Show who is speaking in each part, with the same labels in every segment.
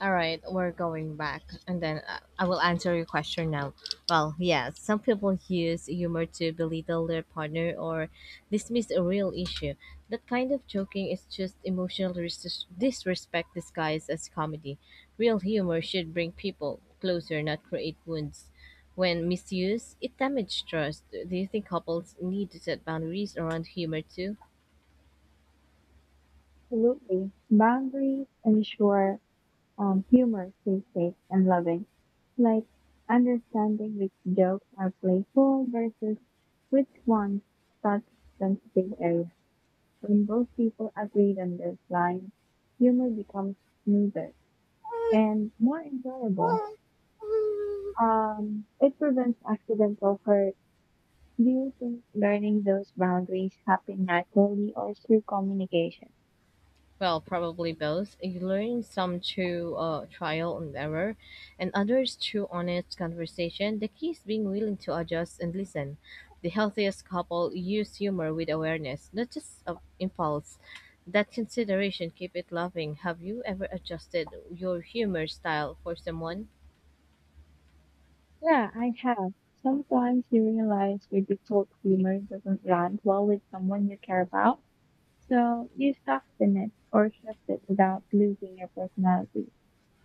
Speaker 1: All right, we're going back, and then I will answer your question now. Yes, some people use humor to belittle their partner or dismiss a real issue. That kind of joking is just emotional disrespect disguised as comedy. Real humor should bring people closer, not create wounds. When misused, it damages trust. Do you think couples need to set boundaries around humor too?
Speaker 2: Absolutely. Boundaries ensure humor stays safe and loving. Like understanding which jokes are playful versus which ones touch sensitive areas. When both people agree on this line, humor becomes smoother and more enjoyable. It prevents accidental hurt. Do you think learning those boundaries happen naturally or through communication?
Speaker 1: Well, probably both. You learn some through trial and error, and others through honest conversation. The key is being willing to adjust and listen. The healthiest couple use humor with awareness, not just of impulse. That consideration keep it loving. Have you ever adjusted your humor style for someone?
Speaker 2: Yeah, I have. Sometimes you realize your default humor doesn't land well with someone you care about, so you soften it or shift it without losing your personality.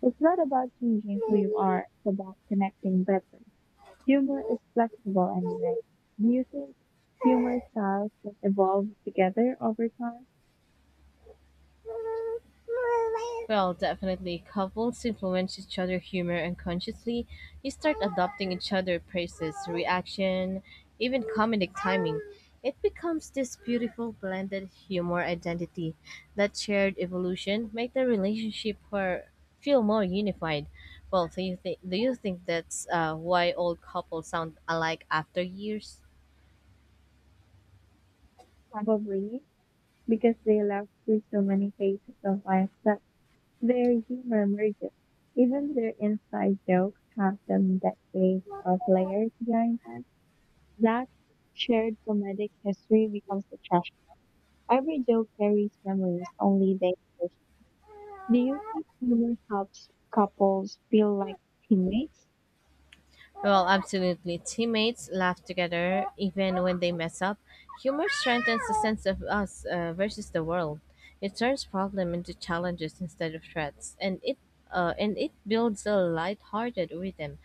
Speaker 2: It's not about changing who you are, it's about connecting better. Humor is flexible anyway. Do you think humor styles just evolve together over time?
Speaker 1: Well, definitely. Couples influence each other humor unconsciously. You start adopting each other' praises, reaction, even comedic timing. It becomes this beautiful blended humor identity. That shared evolution make the relationship for, feel more unified. Do you think that's why old couples sound alike after years?
Speaker 2: Probably, because they allow through so many phases of life that their humor merges. Even their inside jokes have some decades of layers behind them. That shared comedic history becomes the treasure. Every joke carries memories only they understand. Do you think humor helps couples feel like teammates?
Speaker 1: Well, absolutely. Teammates laugh together even when they mess up. Humor strengthens the sense of us versus the world. It turns problem into challenges instead of threats, and it builds a light-hearted rhythm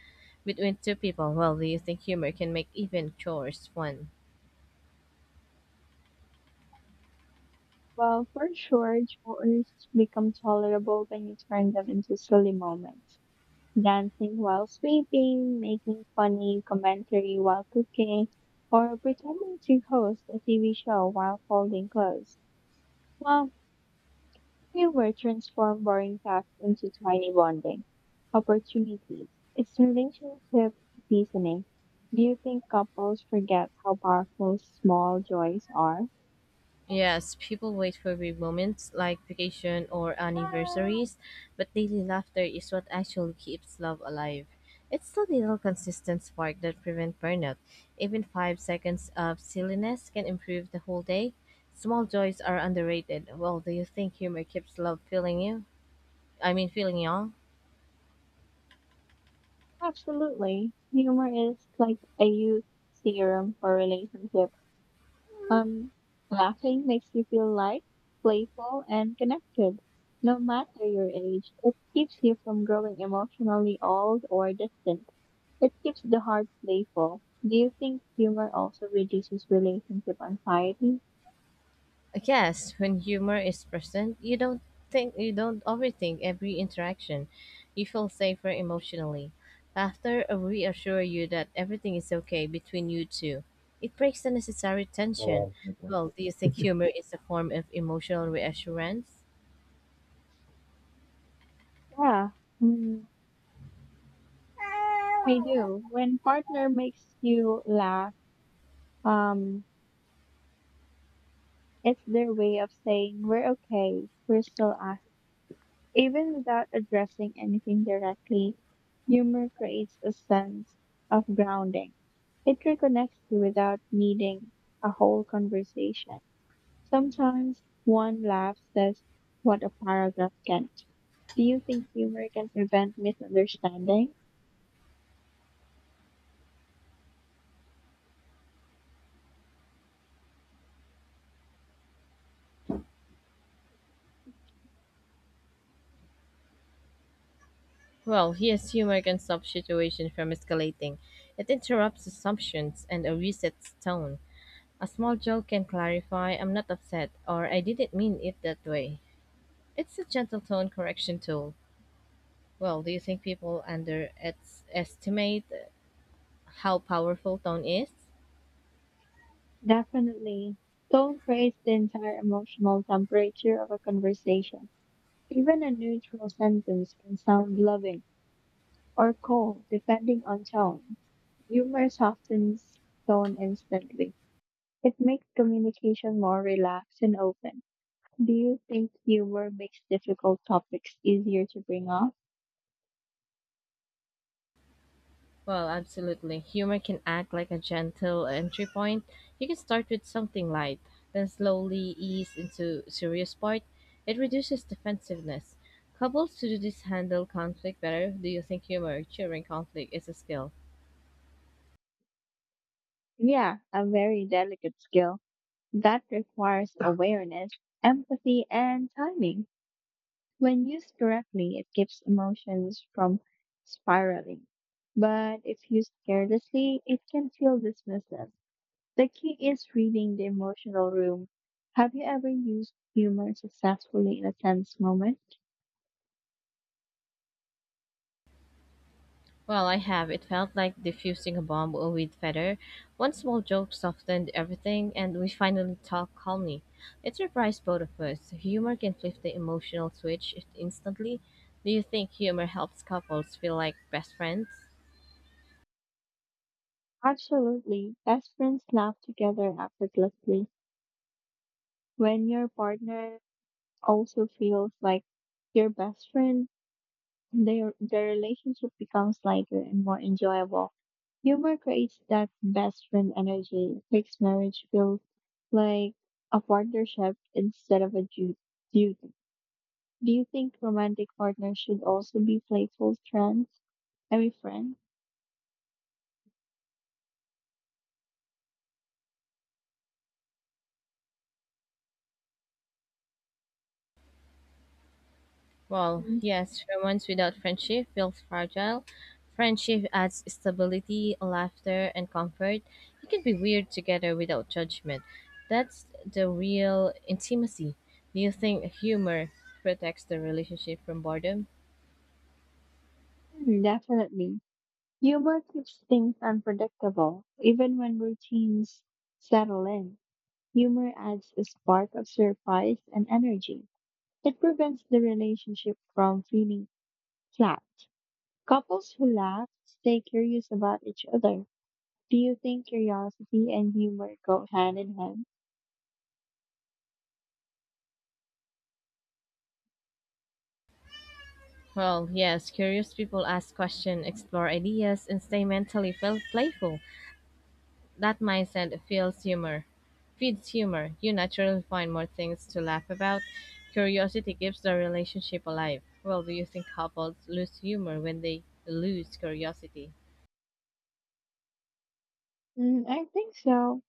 Speaker 1: between two people. Well, do you think humor can make even chores fun?
Speaker 2: Well, for sure, chores become tolerable when you turn them into silly moments. Dancing while sweeping, making funny commentary while cooking, or pretending to host a TV show while folding clothes. Well, humor transforms boring tasks into tiny bonding opportunities. It's relationship seasoning. Do you think couples forget how powerful small joys are?
Speaker 1: Yes, people wait for big moments like vacation or anniversaries, but daily laughter is what actually keeps love alive. It's the little consistent spark that prevents burnout. Even 5 seconds of silliness can improve the whole day. Small joys are underrated. Well, do you think humor keeps love feeling you? I mean, feeling young?
Speaker 2: Absolutely. Humor is like a youth serum for relationship. Um, Laughing makes you feel light, playful, and connected. No matter your age, it keeps you from growing emotionally old or distant. It keeps the heart playful. Do you think humor also reduces relationship anxiety?
Speaker 1: Yes, when humor is present, you don't overthink every interaction. You feel safer emotionally. Laughter reassure you that everything is okay between you two. It breaks the necessary tension. Well, do you think humor is a form of emotional reassurance?
Speaker 2: Yeah, mm, I do. When partner makes you laugh, um, it's their way of saying we're okay, we're still. Even without addressing anything directly, humor creates a sense of grounding. It reconnects you without needing a whole conversation. Sometimes one laugh says what a paragraph can't. Do you think humor can prevent misunderstanding?
Speaker 1: Well, here's humor can stop situation from escalating. It interrupts assumptions and a resets tone. A small joke can clarify I'm not upset or I didn't mean it that way. It's a gentle tone correction tool. Well, do you think people underestimate how powerful tone is?
Speaker 2: Definitely. Tone creates the entire emotional temperature of a conversation. Even a neutral sentence can sound loving or cold, depending on tone. Humor softens tone instantly. It makes communication more relaxed and open. Do you think humor makes difficult topics easier to bring up?
Speaker 1: Well, absolutely. Humor can act like a gentle entry point. You can start with something light, then slowly ease into serious part. It reduces defensiveness. Couples who do this handle conflict better. Do you think humor during conflict is a skill?
Speaker 2: Yeah, a very delicate skill that requires awareness, empathy, and timing. When used correctly, it keeps emotions from spiraling. But if used carelessly, it can feel dismissive. The key is reading the emotional room. Have you ever used humor successfully in a tense moment?
Speaker 1: Well, I have. It felt like defusing a bomb with feather. One small joke softened everything, and we finally talked calmly. It surprised both of us. Humor can flip the emotional switch instantly. Do you think humor helps couples feel like best friends?
Speaker 2: Absolutely. Best friends laugh together effortlessly. When your partner also feels like your best friend, their relationship becomes lighter and more enjoyable. Humor creates that best friend energy. It makes marriage feel like a partnership instead of a duty. Do you think romantic partners should also be playful friends? I mean, friends?
Speaker 1: Well,
Speaker 2: Mm.
Speaker 1: yes, romance without friendship feels fragile. Friendship adds stability, laughter, and comfort. You can be weird together without judgment. That's the real intimacy. Do you think humor protects the relationship from boredom?
Speaker 2: Hmm, definitely. Humor keeps things unpredictable. Even when routines settle in, humor adds a spark of surprise and energy. It prevents the relationship from feeling flat. Couples who laugh stay curious about each other. Do you think curiosity and humor go hand in hand?
Speaker 1: Well, yes, curious people ask questions, explore ideas, and stay mentally playful. That mindset feels humor. Feeds humor. You naturally find more things to laugh about. Curiosity keeps the relationship alive. Well, do you think couples lose humor when they lose curiosity?
Speaker 2: Mm, I think so.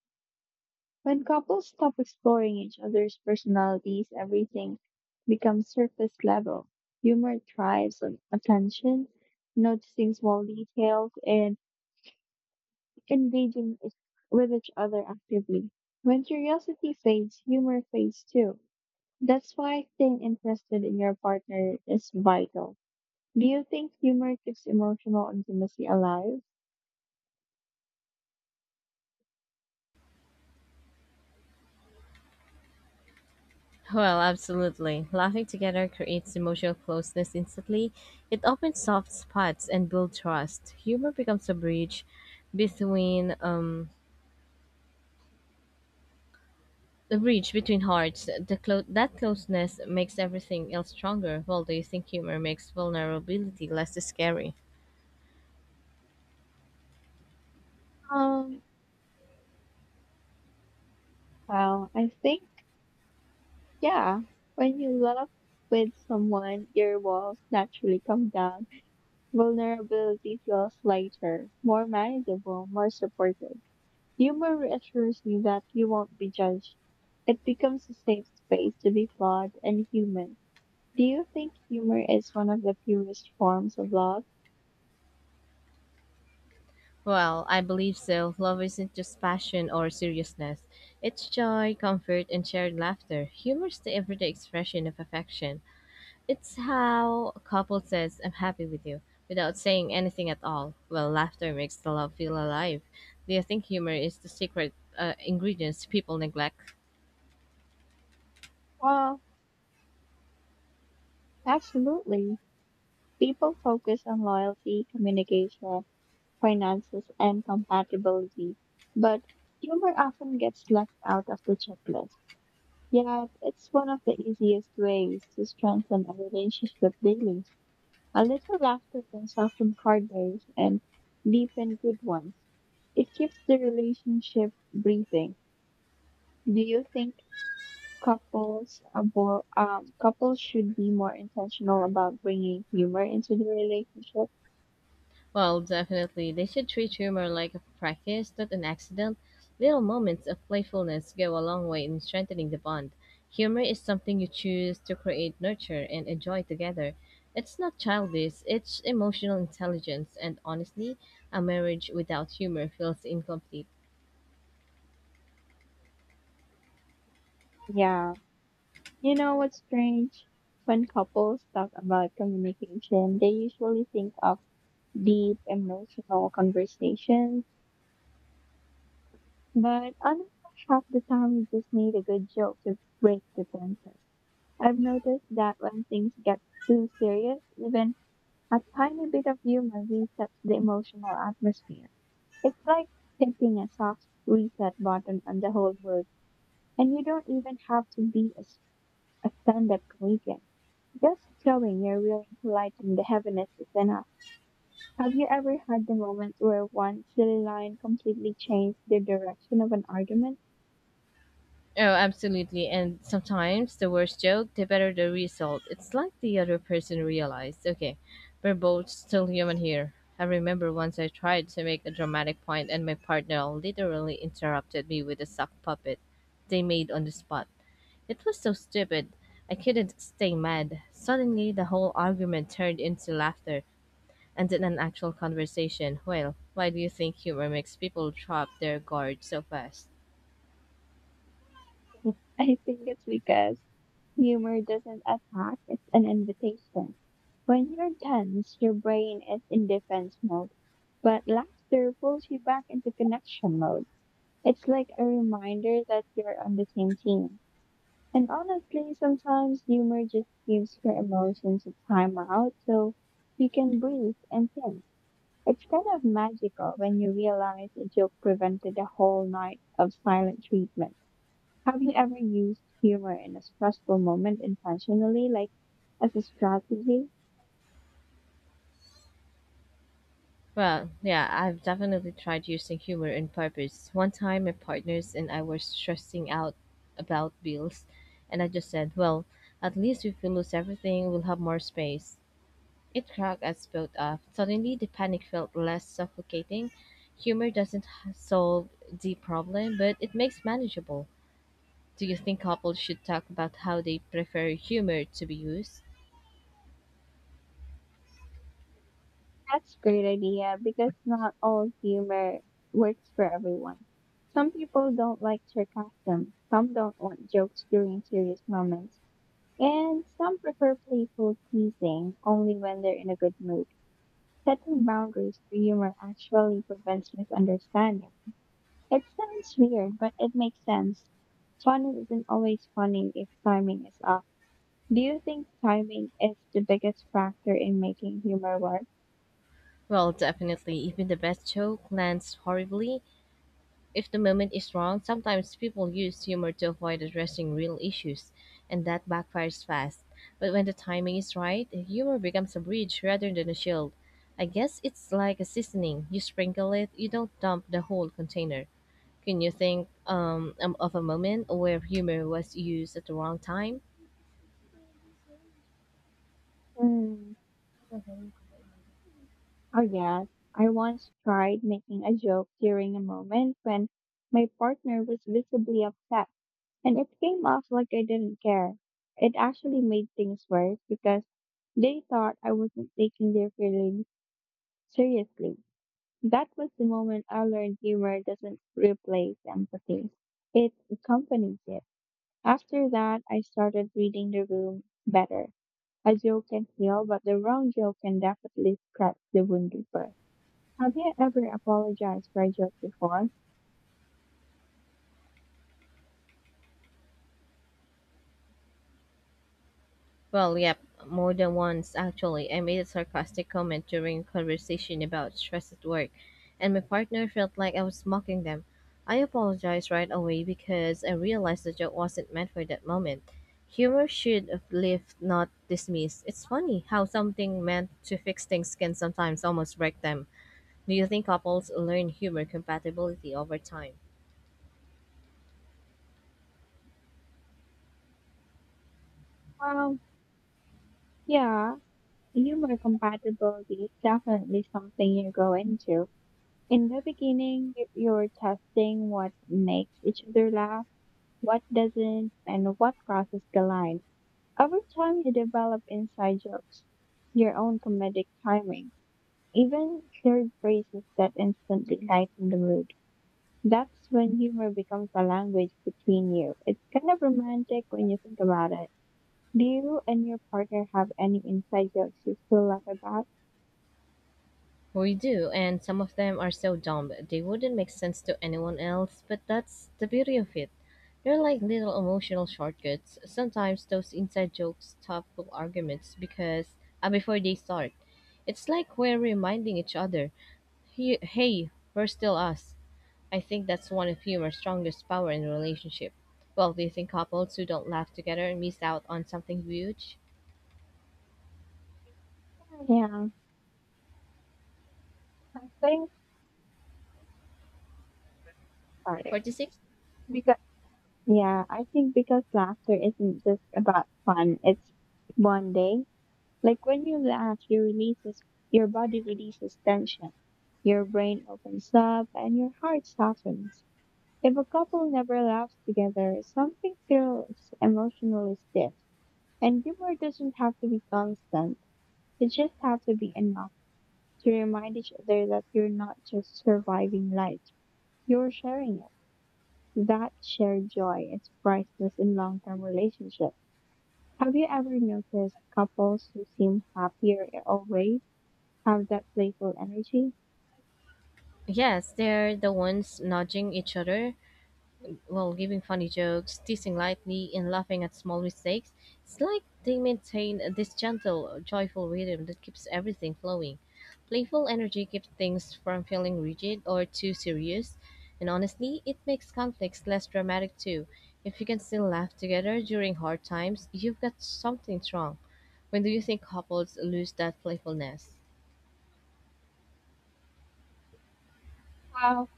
Speaker 2: When couples stop exploring each other's personalities, everything becomes surface level. Humor thrives on attention, noticing small details, and engaging each- with each other actively. When curiosity fades, humor fades too. That's why staying interested in your partner is vital. Do you think humor keeps emotional intimacy alive?
Speaker 1: Well, absolutely. Laughing together creates emotional closeness instantly. It opens soft spots and builds trust. Humor becomes a bridge between The bridge between hearts, the that closeness makes everything else stronger. Well, do you think humor makes vulnerability less scary?
Speaker 2: Um, well, I think. Yeah, when you laugh with someone, your walls naturally come down. Vulnerability feels lighter, more manageable, more supported. Humor reassures you that you won't be judged. It becomes a safe space to be flawed and human. Do you think humor is one of the purest forms of love?
Speaker 1: Well, I believe so. Love isn't just passion or seriousness. It's joy, comfort, and shared laughter. Humor's the everyday expression of affection. It's how a couple says, I'm happy with you, without saying anything at all. Well, laughter makes the love feel alive. Do you think humor is the secret ingredients people neglect?
Speaker 2: Well, absolutely. People focus on loyalty, communication, finances, and compatibility, but humor often gets left out of the checklist. Yet, it's one of the easiest ways to strengthen a relationship daily. A little laughter can soften corners and deepen good ones. It keeps the relationship breathing. Do you think couples should be more intentional about bringing humor into the relationship?
Speaker 1: Well, definitely. They should treat humor like a practice, not an accident. Little moments of playfulness go a long way in strengthening the bond. Humor is something you choose to create, nurture, and enjoy together. It's not childish, it's emotional intelligence, and honestly, a marriage without humor feels incomplete.
Speaker 2: Yeah. You know what's strange? When couples talk about communication, they usually think of deep emotional conversations, but honestly, half the time you just need a good joke to break the tension. I've noticed that when things get too serious, even a tiny bit of humor resets the emotional atmosphere. It's like hitting a soft reset button on the whole mood, and you don't even have to be as a stand-up comedian. Just showing you're willing to lighten the heaviness is enough. Have you ever had the moment where one silly line completely changed the direction of an argument?
Speaker 1: Oh, absolutely. And sometimes the worse joke, the better the result. It's like the other person realized, okay, we're both still human here. I remember once I tried to make a dramatic point and my partner literally interrupted me with a sock puppet they made on the spot. It was so stupid. I couldn't stay mad. Suddenly, the whole argument turned into laughter and then an actual conversation. Well, why do you think humor makes people drop their guard so fast?
Speaker 2: I think it's because humor doesn't attack, it's an invitation. When you're tense, your brain is in defense mode, but laughter pulls you back into connection mode. It's like a reminder that you're on the same team. And honestly, sometimes humor just gives your emotions a time out so you can breathe and think. It's kind of magical when you realize a joke prevented a whole night of silent treatment. Have you ever used humor in a stressful moment intentionally, like as a strategy?
Speaker 1: Well, yeah, I've definitely tried using humor on purpose. One time, my partners and I were stressing out about bills, and I just said, Well, at least if we lose everything, we'll have more space. It cracked us both up. Suddenly, the panic felt less suffocating. Humor doesn't solve the problem, but it makes manageable. Do you think couples should talk about how they prefer humor to be used?
Speaker 2: That's a great idea because not all humor works for everyone. Some people don't like sarcasm. Some don't want jokes during serious moments. And some prefer playful teasing only when they're in a good mood. Setting boundaries through humor actually prevents misunderstanding. It sounds weird, but it makes sense. Funny isn't always funny if timing is off. Do you think timing is the biggest factor in making humor work?
Speaker 1: Well, definitely. Even the best joke lands horribly If the moment is wrong, sometimes people use humor to avoid addressing real issues, and that backfires fast. But when the timing is right, humor becomes a bridge rather than a shield. I guess it's like a seasoning. You sprinkle it, you don't dump the whole container. Can you think of a moment where humor was used at the wrong time?
Speaker 2: Hmm. Oh, yes. I once tried making a joke during a moment when my partner was visibly upset. And it came off like I didn't care. It actually made things worse because they thought I wasn't taking their feelings seriously. That was the moment I learned humor doesn't replace empathy. It accompanies it. After that, I started reading the room better. A joke can heal, but the wrong joke can definitely scratch the wound deeper. Have you ever apologized for a joke before?
Speaker 1: Well, yep, more than once actually. I made a sarcastic comment during a conversation about stress at work, and my partner felt like I was mocking them. I apologized right away because I realized the joke wasn't meant for that moment. Humor should uplift, not dismiss. It's funny how something meant to fix things can sometimes almost wreck them. Do you think couples learn humor compatibility over time?
Speaker 2: Well, yeah, humor compatibility is definitely something you go into. In the beginning, you're testing what makes each other laugh, what doesn't, and what crosses the line. Over time, you develop inside jokes, your own comedic timing, even shared phrases that instantly lighten the mood. That's when humor becomes a language between you. It's kind of romantic when you think about it. Do you and your partner have any inside jokes you still laugh about?
Speaker 1: We do, and some of them are so dumb they wouldn't make sense to anyone else, but that's the beauty of it. They're like little emotional shortcuts. Sometimes those inside jokes stop full arguments because before they start. It's like we're reminding each other, "Hey, we're still us." I think that's one of humor's strongest power in a relationship. Well, do you think couples who don't laugh together miss out on something huge?
Speaker 2: Yeah, I think started.
Speaker 1: 46?
Speaker 2: Because yeah, I think because laughter isn't just about fun, it's bonding. Like when you laugh, your body releases tension, your brain opens up and your heart softens. If a couple never laughs together, something feels emotionally stiff. And humor doesn't have to be constant. It just has to be enough to remind each other that you're not just surviving life, you're sharing it. That shared joy is priceless in long-term relationships. Have you ever noticed couples who seem happier always have that playful energy?
Speaker 1: Yes, they're the ones nudging each other, well, giving funny jokes, teasing lightly, and laughing at small mistakes. It's like they maintain this gentle, joyful rhythm that keeps everything flowing. Playful energy keeps things from feeling rigid or too serious, and honestly, it makes conflicts less dramatic too. If you can still laugh together during hard times, you've got something strong. When do you think couples lose that playfulness?
Speaker 2: Well,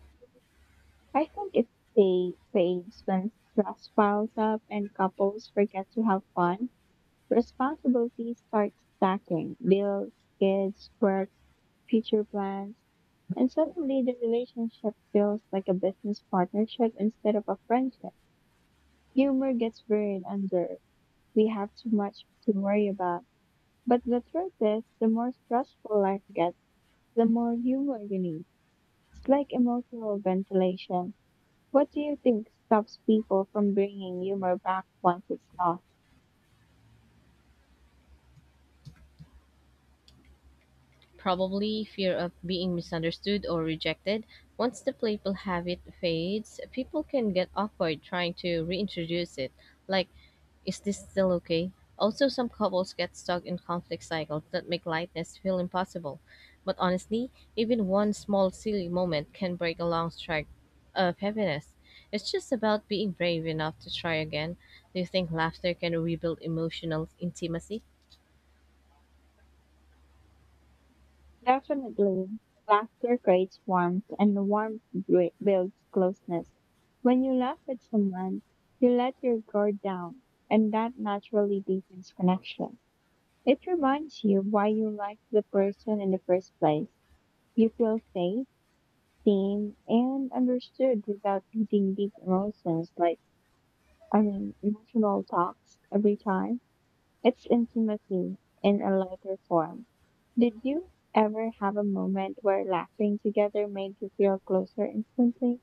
Speaker 2: I think it fades when stress piles up and couples forget to have fun. Responsibilities start stacking: bills, kids, work, future plans, and suddenly the relationship feels like a business partnership instead of a friendship. Humor gets buried under we have too much to worry about. But the truth is, the more stressful life gets, the more humor you need. It's like emotional ventilation. What do you think stops people from bringing humor back once it's lost?
Speaker 1: Probably fear of being misunderstood or rejected. Once the playful habit fades, people can get awkward trying to reintroduce it. Like, is this still okay? Also, some couples get stuck in conflict cycles that make lightness feel impossible. But honestly, even one small silly moment can break a long streak of happiness. It's just about being brave enough to try again. Do you think laughter can rebuild emotional intimacy?
Speaker 2: Definitely, laughter creates warmth, and warmth builds closeness. When you laugh at someone, you let your guard down, and that naturally deepens connection. It reminds you why you like the person in the first place. You feel safe seen and understood without needing deep emotions like I mean emotional talks every time. It's intimacy in a lighter form. Did you ever have a moment where laughing together made you feel closer instantly?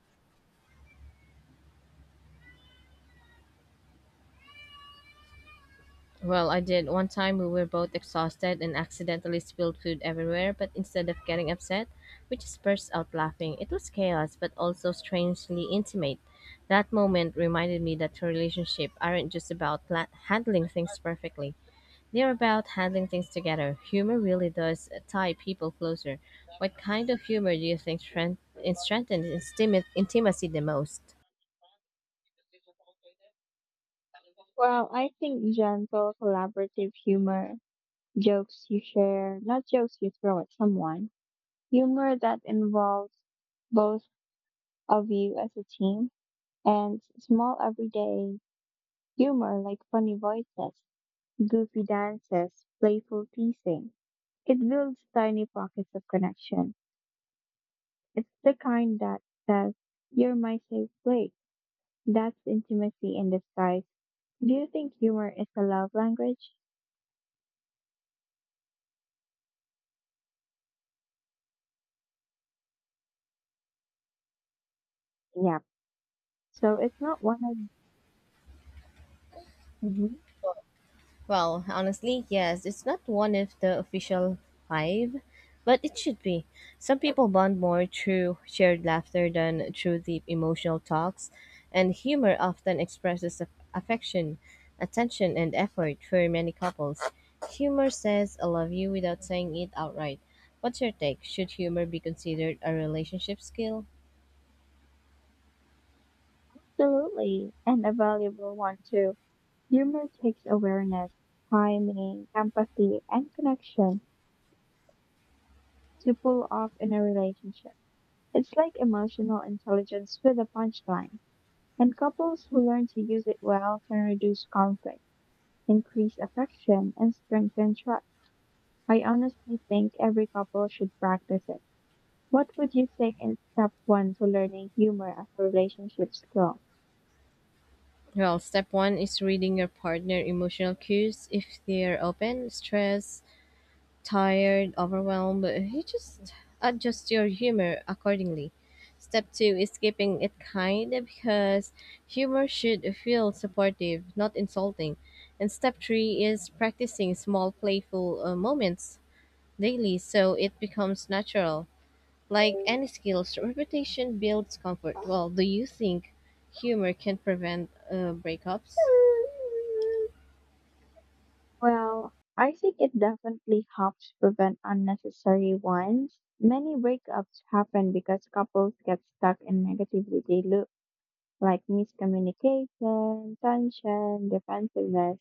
Speaker 1: Well, I did. One time we were both exhausted and accidentally spilled food everywhere, but instead of getting upset, we just burst out laughing. It was chaos, but also strangely intimate. That moment reminded me that relationships aren't just about handling things perfectly, they're about handling things together. Humor really does tie people closer. What kind of humor do you think strengthens intimacy the most?
Speaker 2: Well, I think gentle, collaborative humor, jokes you share, not jokes you throw at someone, humor that involves both of you as a team, and small everyday humor like funny voices, goofy dances, playful teasing. It builds tiny pockets of connection. It's the kind that says, you're my safe place. That's intimacy in disguise. Do you think humor is a love language? Yeah. So it's not one of. Mhm.
Speaker 1: Well, honestly, yes, it's not one of the official five, but it should be. Some people bond more through shared laughter than through deep emotional talks, and humor often expresses affection, attention, and effort for many couples. Humor says I love you without saying it outright. What's your take? Should humor be considered a relationship skill?
Speaker 2: Absolutely and a valuable one too. Humor takes awareness, timing, empathy, and connection to pull off in a relationship. It's like emotional intelligence with a punchline, and couples who learn to use it well can reduce conflict, increase affection, and strengthen trust. I honestly think every couple should practice it. What would you say in step one to learning humor as a relationship skill?
Speaker 1: Well, step one is reading your partner emotional cues. If they're open, stressed, tired, overwhelmed, you just adjust your humor accordingly. Step two is keeping it kind because humor should feel supportive, not insulting. And step three is practicing small playful moments daily so it becomes natural. Like any skills, repetition builds comfort. Well, do you think humor can prevent breakups?
Speaker 2: Well, I think it definitely helps prevent unnecessary ones. Many breakups happen because couples get stuck in negativity loops. Like miscommunication, tension, defensiveness,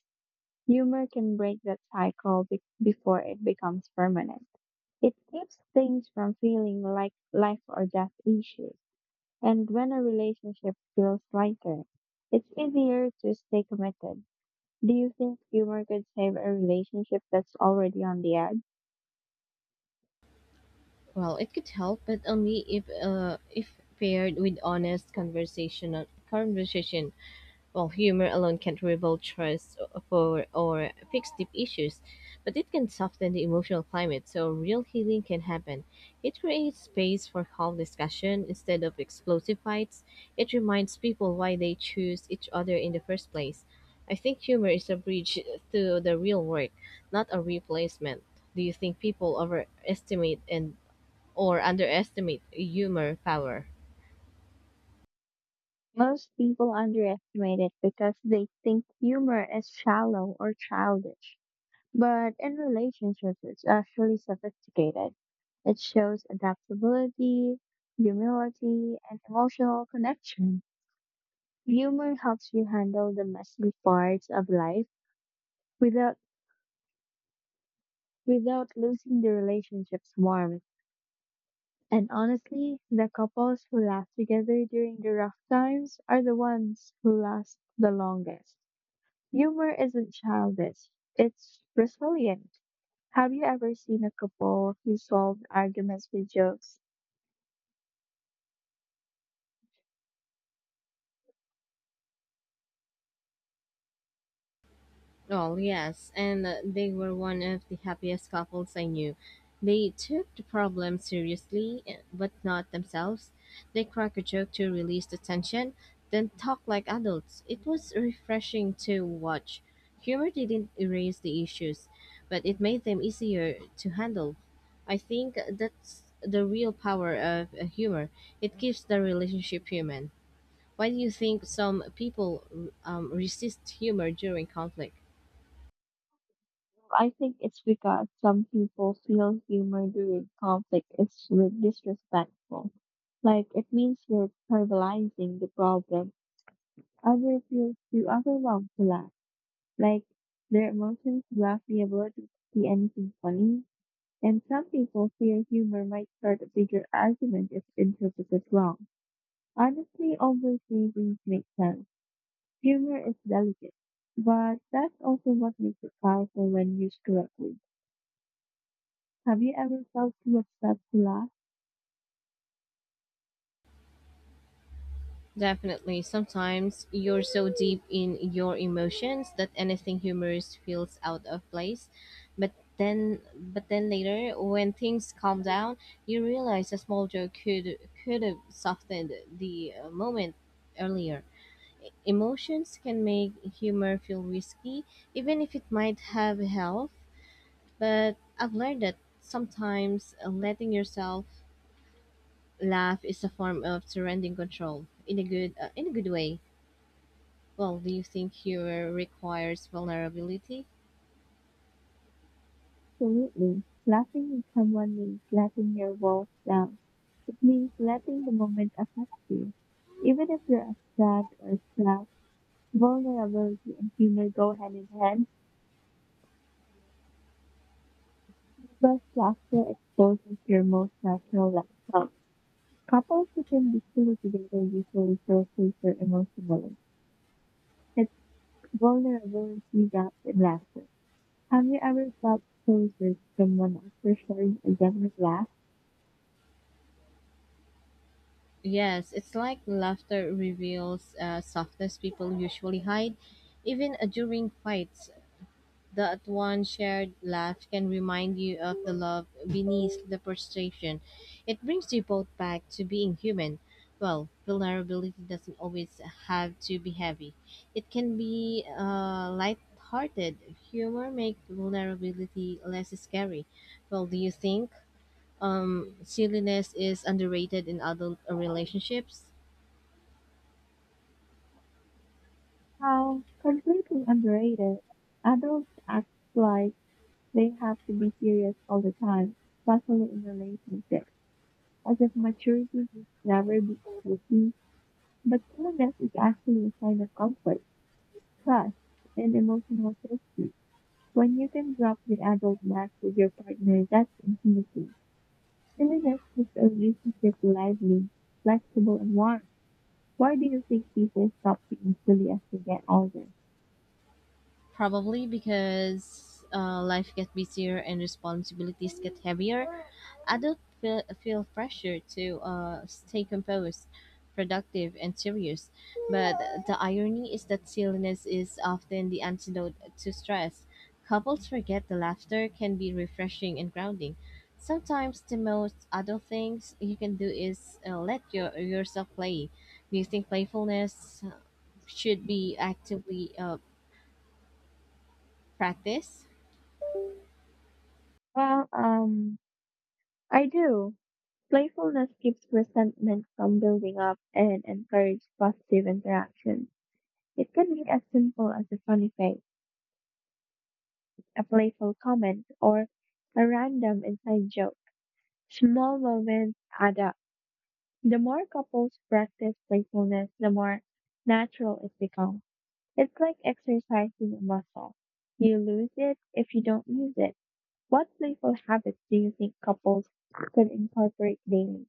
Speaker 2: humor can break that cycle before it becomes permanent. It keeps things from feeling like life or death issues. And when a relationship feels lighter, it's easier to stay committed. Do you think humor could save a relationship that's already on the edge?
Speaker 1: Well, it could help, but only if paired with honest conversation. Conversation. Well, humor alone can't rebuild trust for or fix deep issues, but it can soften the emotional climate, so real healing can happen. It creates space for calm discussion instead of explosive fights. It reminds people why they choose each other in the first place. I think humor is a bridge to the real work, not a replacement. Do you think people overestimate and or underestimate humor power.
Speaker 2: Most people underestimate it because they think humor is shallow or childish. But in relationships, it's actually sophisticated. It shows adaptability, humility, and emotional connection. Humor helps you handle the messy parts of life without without losing the relationship's warmth. And honestly, the couples who laugh together during the rough times are the ones who last the longest. Humor isn't childish, it's resilient. Have you ever seen a couple who solved arguments with jokes?
Speaker 1: Well, yes, and they were one of the happiest couples I knew. They took the problem seriously, eh, but not themselves. They cracked a joke to release the tension, then talk like adults. It was refreshing to watch. Humor didn't erase the issues, but it made them easier to handle. I think that's the real power of humor. It keeps the relationship human. Why do you think some people resist humor during conflict?
Speaker 2: I think it's because some people feel humor during conflict is disrespectful. Like it means you're trivializing the problem. Others feel too overwhelmed to laugh. Like their emotions block the ability to see anything funny. And some people fear humor might start a bigger argument if interpreted wrong. Honestly, all those reasons make sense. Humor is delicate, but that's also what makes it powerful when used correctly. Have you ever felt too upset to laugh?
Speaker 1: Definitely, sometimes you're so deep in your emotions that anything humorous feels out of place. But then later, when things calm down, you realize a small joke could have softened the moment earlier. Emotions can make humor feel risky, even if it might have health. But I've learned that sometimes letting yourself Laugh is a form of surrendering control in a good way. Well, do you think humor requires vulnerability?
Speaker 2: Absolutely. Laughing with someone means letting your walls down. It means letting the moment affect you. Even if you're upset or stressed, vulnerability and humor go hand in hand. But laughter exposes your most natural self. Couples who can be silly together usually feel safer emotionally. It's vulnerability wrapped in laughter. Have you ever felt close with someone after sharing a genuine laugh?
Speaker 1: Yes, it's like laughter reveals softness people usually hide, even during fights. That one shared laugh can remind you of the love beneath the frustration. It brings you both back to being human. Well, vulnerability doesn't always have to be heavy. It can be light-hearted. Humor makes vulnerability less scary. Well, do you think silliness is underrated in adult relationships?
Speaker 2: How completely underrated. Adults act like they have to be serious all the time, especially in relationships, as if maturity has never been tricky. But coolness is actually a sign of comfort, trust, and emotional safety. When you can drop the adult mask with your partner, that's intimacy. Silliness keeps a relationship lively, flexible, and warm. Why do you think people stop being silly as they get older?
Speaker 1: Probably because life gets busier and responsibilities get heavier. Adults feel pressure to stay composed, productive, and serious. But the irony is that silliness is often the antidote to stress. Couples forget the laughter can be refreshing and grounding. Sometimes the most adult things you can do is let yourself play. Do you think playfulness should be actively practiced?
Speaker 2: Well, um, I do. Playfulness keeps resentment from building up and encourages positive interaction. It can be as simple as a funny face, a playful comment, or a random inside joke. Small moments add up. The more couples practice playfulness, the more natural it becomes. It's like exercising a muscle. You lose it if you don't use it. What playful habits do you think couples could incorporate daily?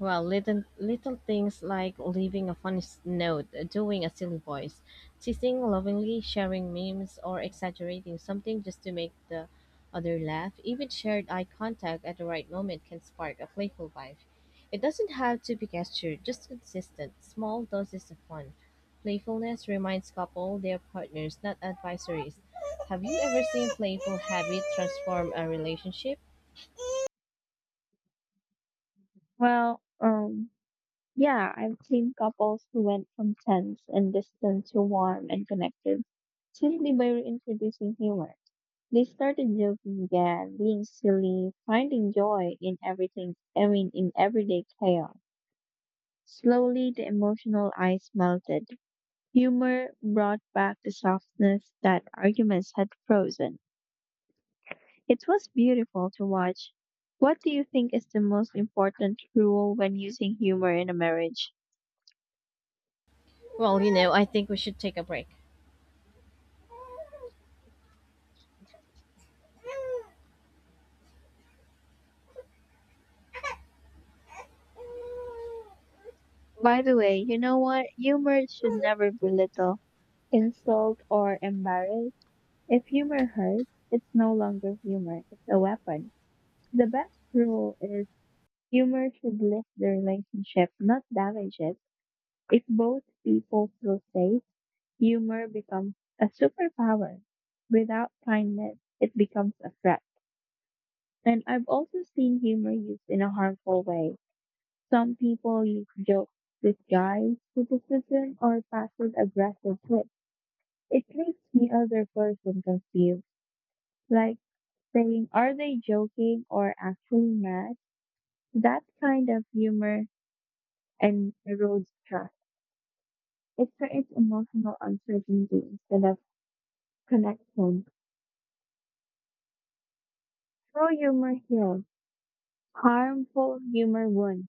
Speaker 1: Well, little things like leaving a funny note, doing a silly voice, teasing lovingly, sharing memes, or exaggerating something just to make the other laugh. Even shared eye contact at the right moment can spark a playful vibe. It doesn't have to be gestured, just consistent, small doses of fun. Playfulness reminds couple their partners, not advisories. Have you ever seen playful habit transform a relationship?
Speaker 2: Well, um, yeah, I've seen couples who went from tense and distant to warm and connected simply by reintroducing humor. They started joking again, being silly, finding joy in everything, I mean, in everyday chaos. Slowly, the emotional ice melted. Humor brought back the softness that arguments had frozen. It was beautiful to watch. What do you think is the most important rule when using humor in a marriage?
Speaker 1: Well, you know, I think we should take a break. You
Speaker 2: By the way, you know what? Humor should never belittle, insult, or embarrass. If humor hurts, it's no longer humor, it's a weapon. The best rule is humor should lift the relationship, not damage it. If both people feel safe, humor becomes a superpower. Without kindness, it becomes a threat. And I've also seen humor used in a harmful way. Some people use jokes with guise, criticism, or passive aggressive tips. It leaves the other person confused, like saying, "Are they joking or actually mad?" That kind of humor and erodes trust. It creates emotional uncertainty instead of connection. True humor heals. Harmful humor one.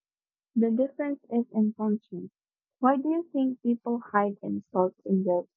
Speaker 2: The difference is intention. Why do you think people hide insults and jokes?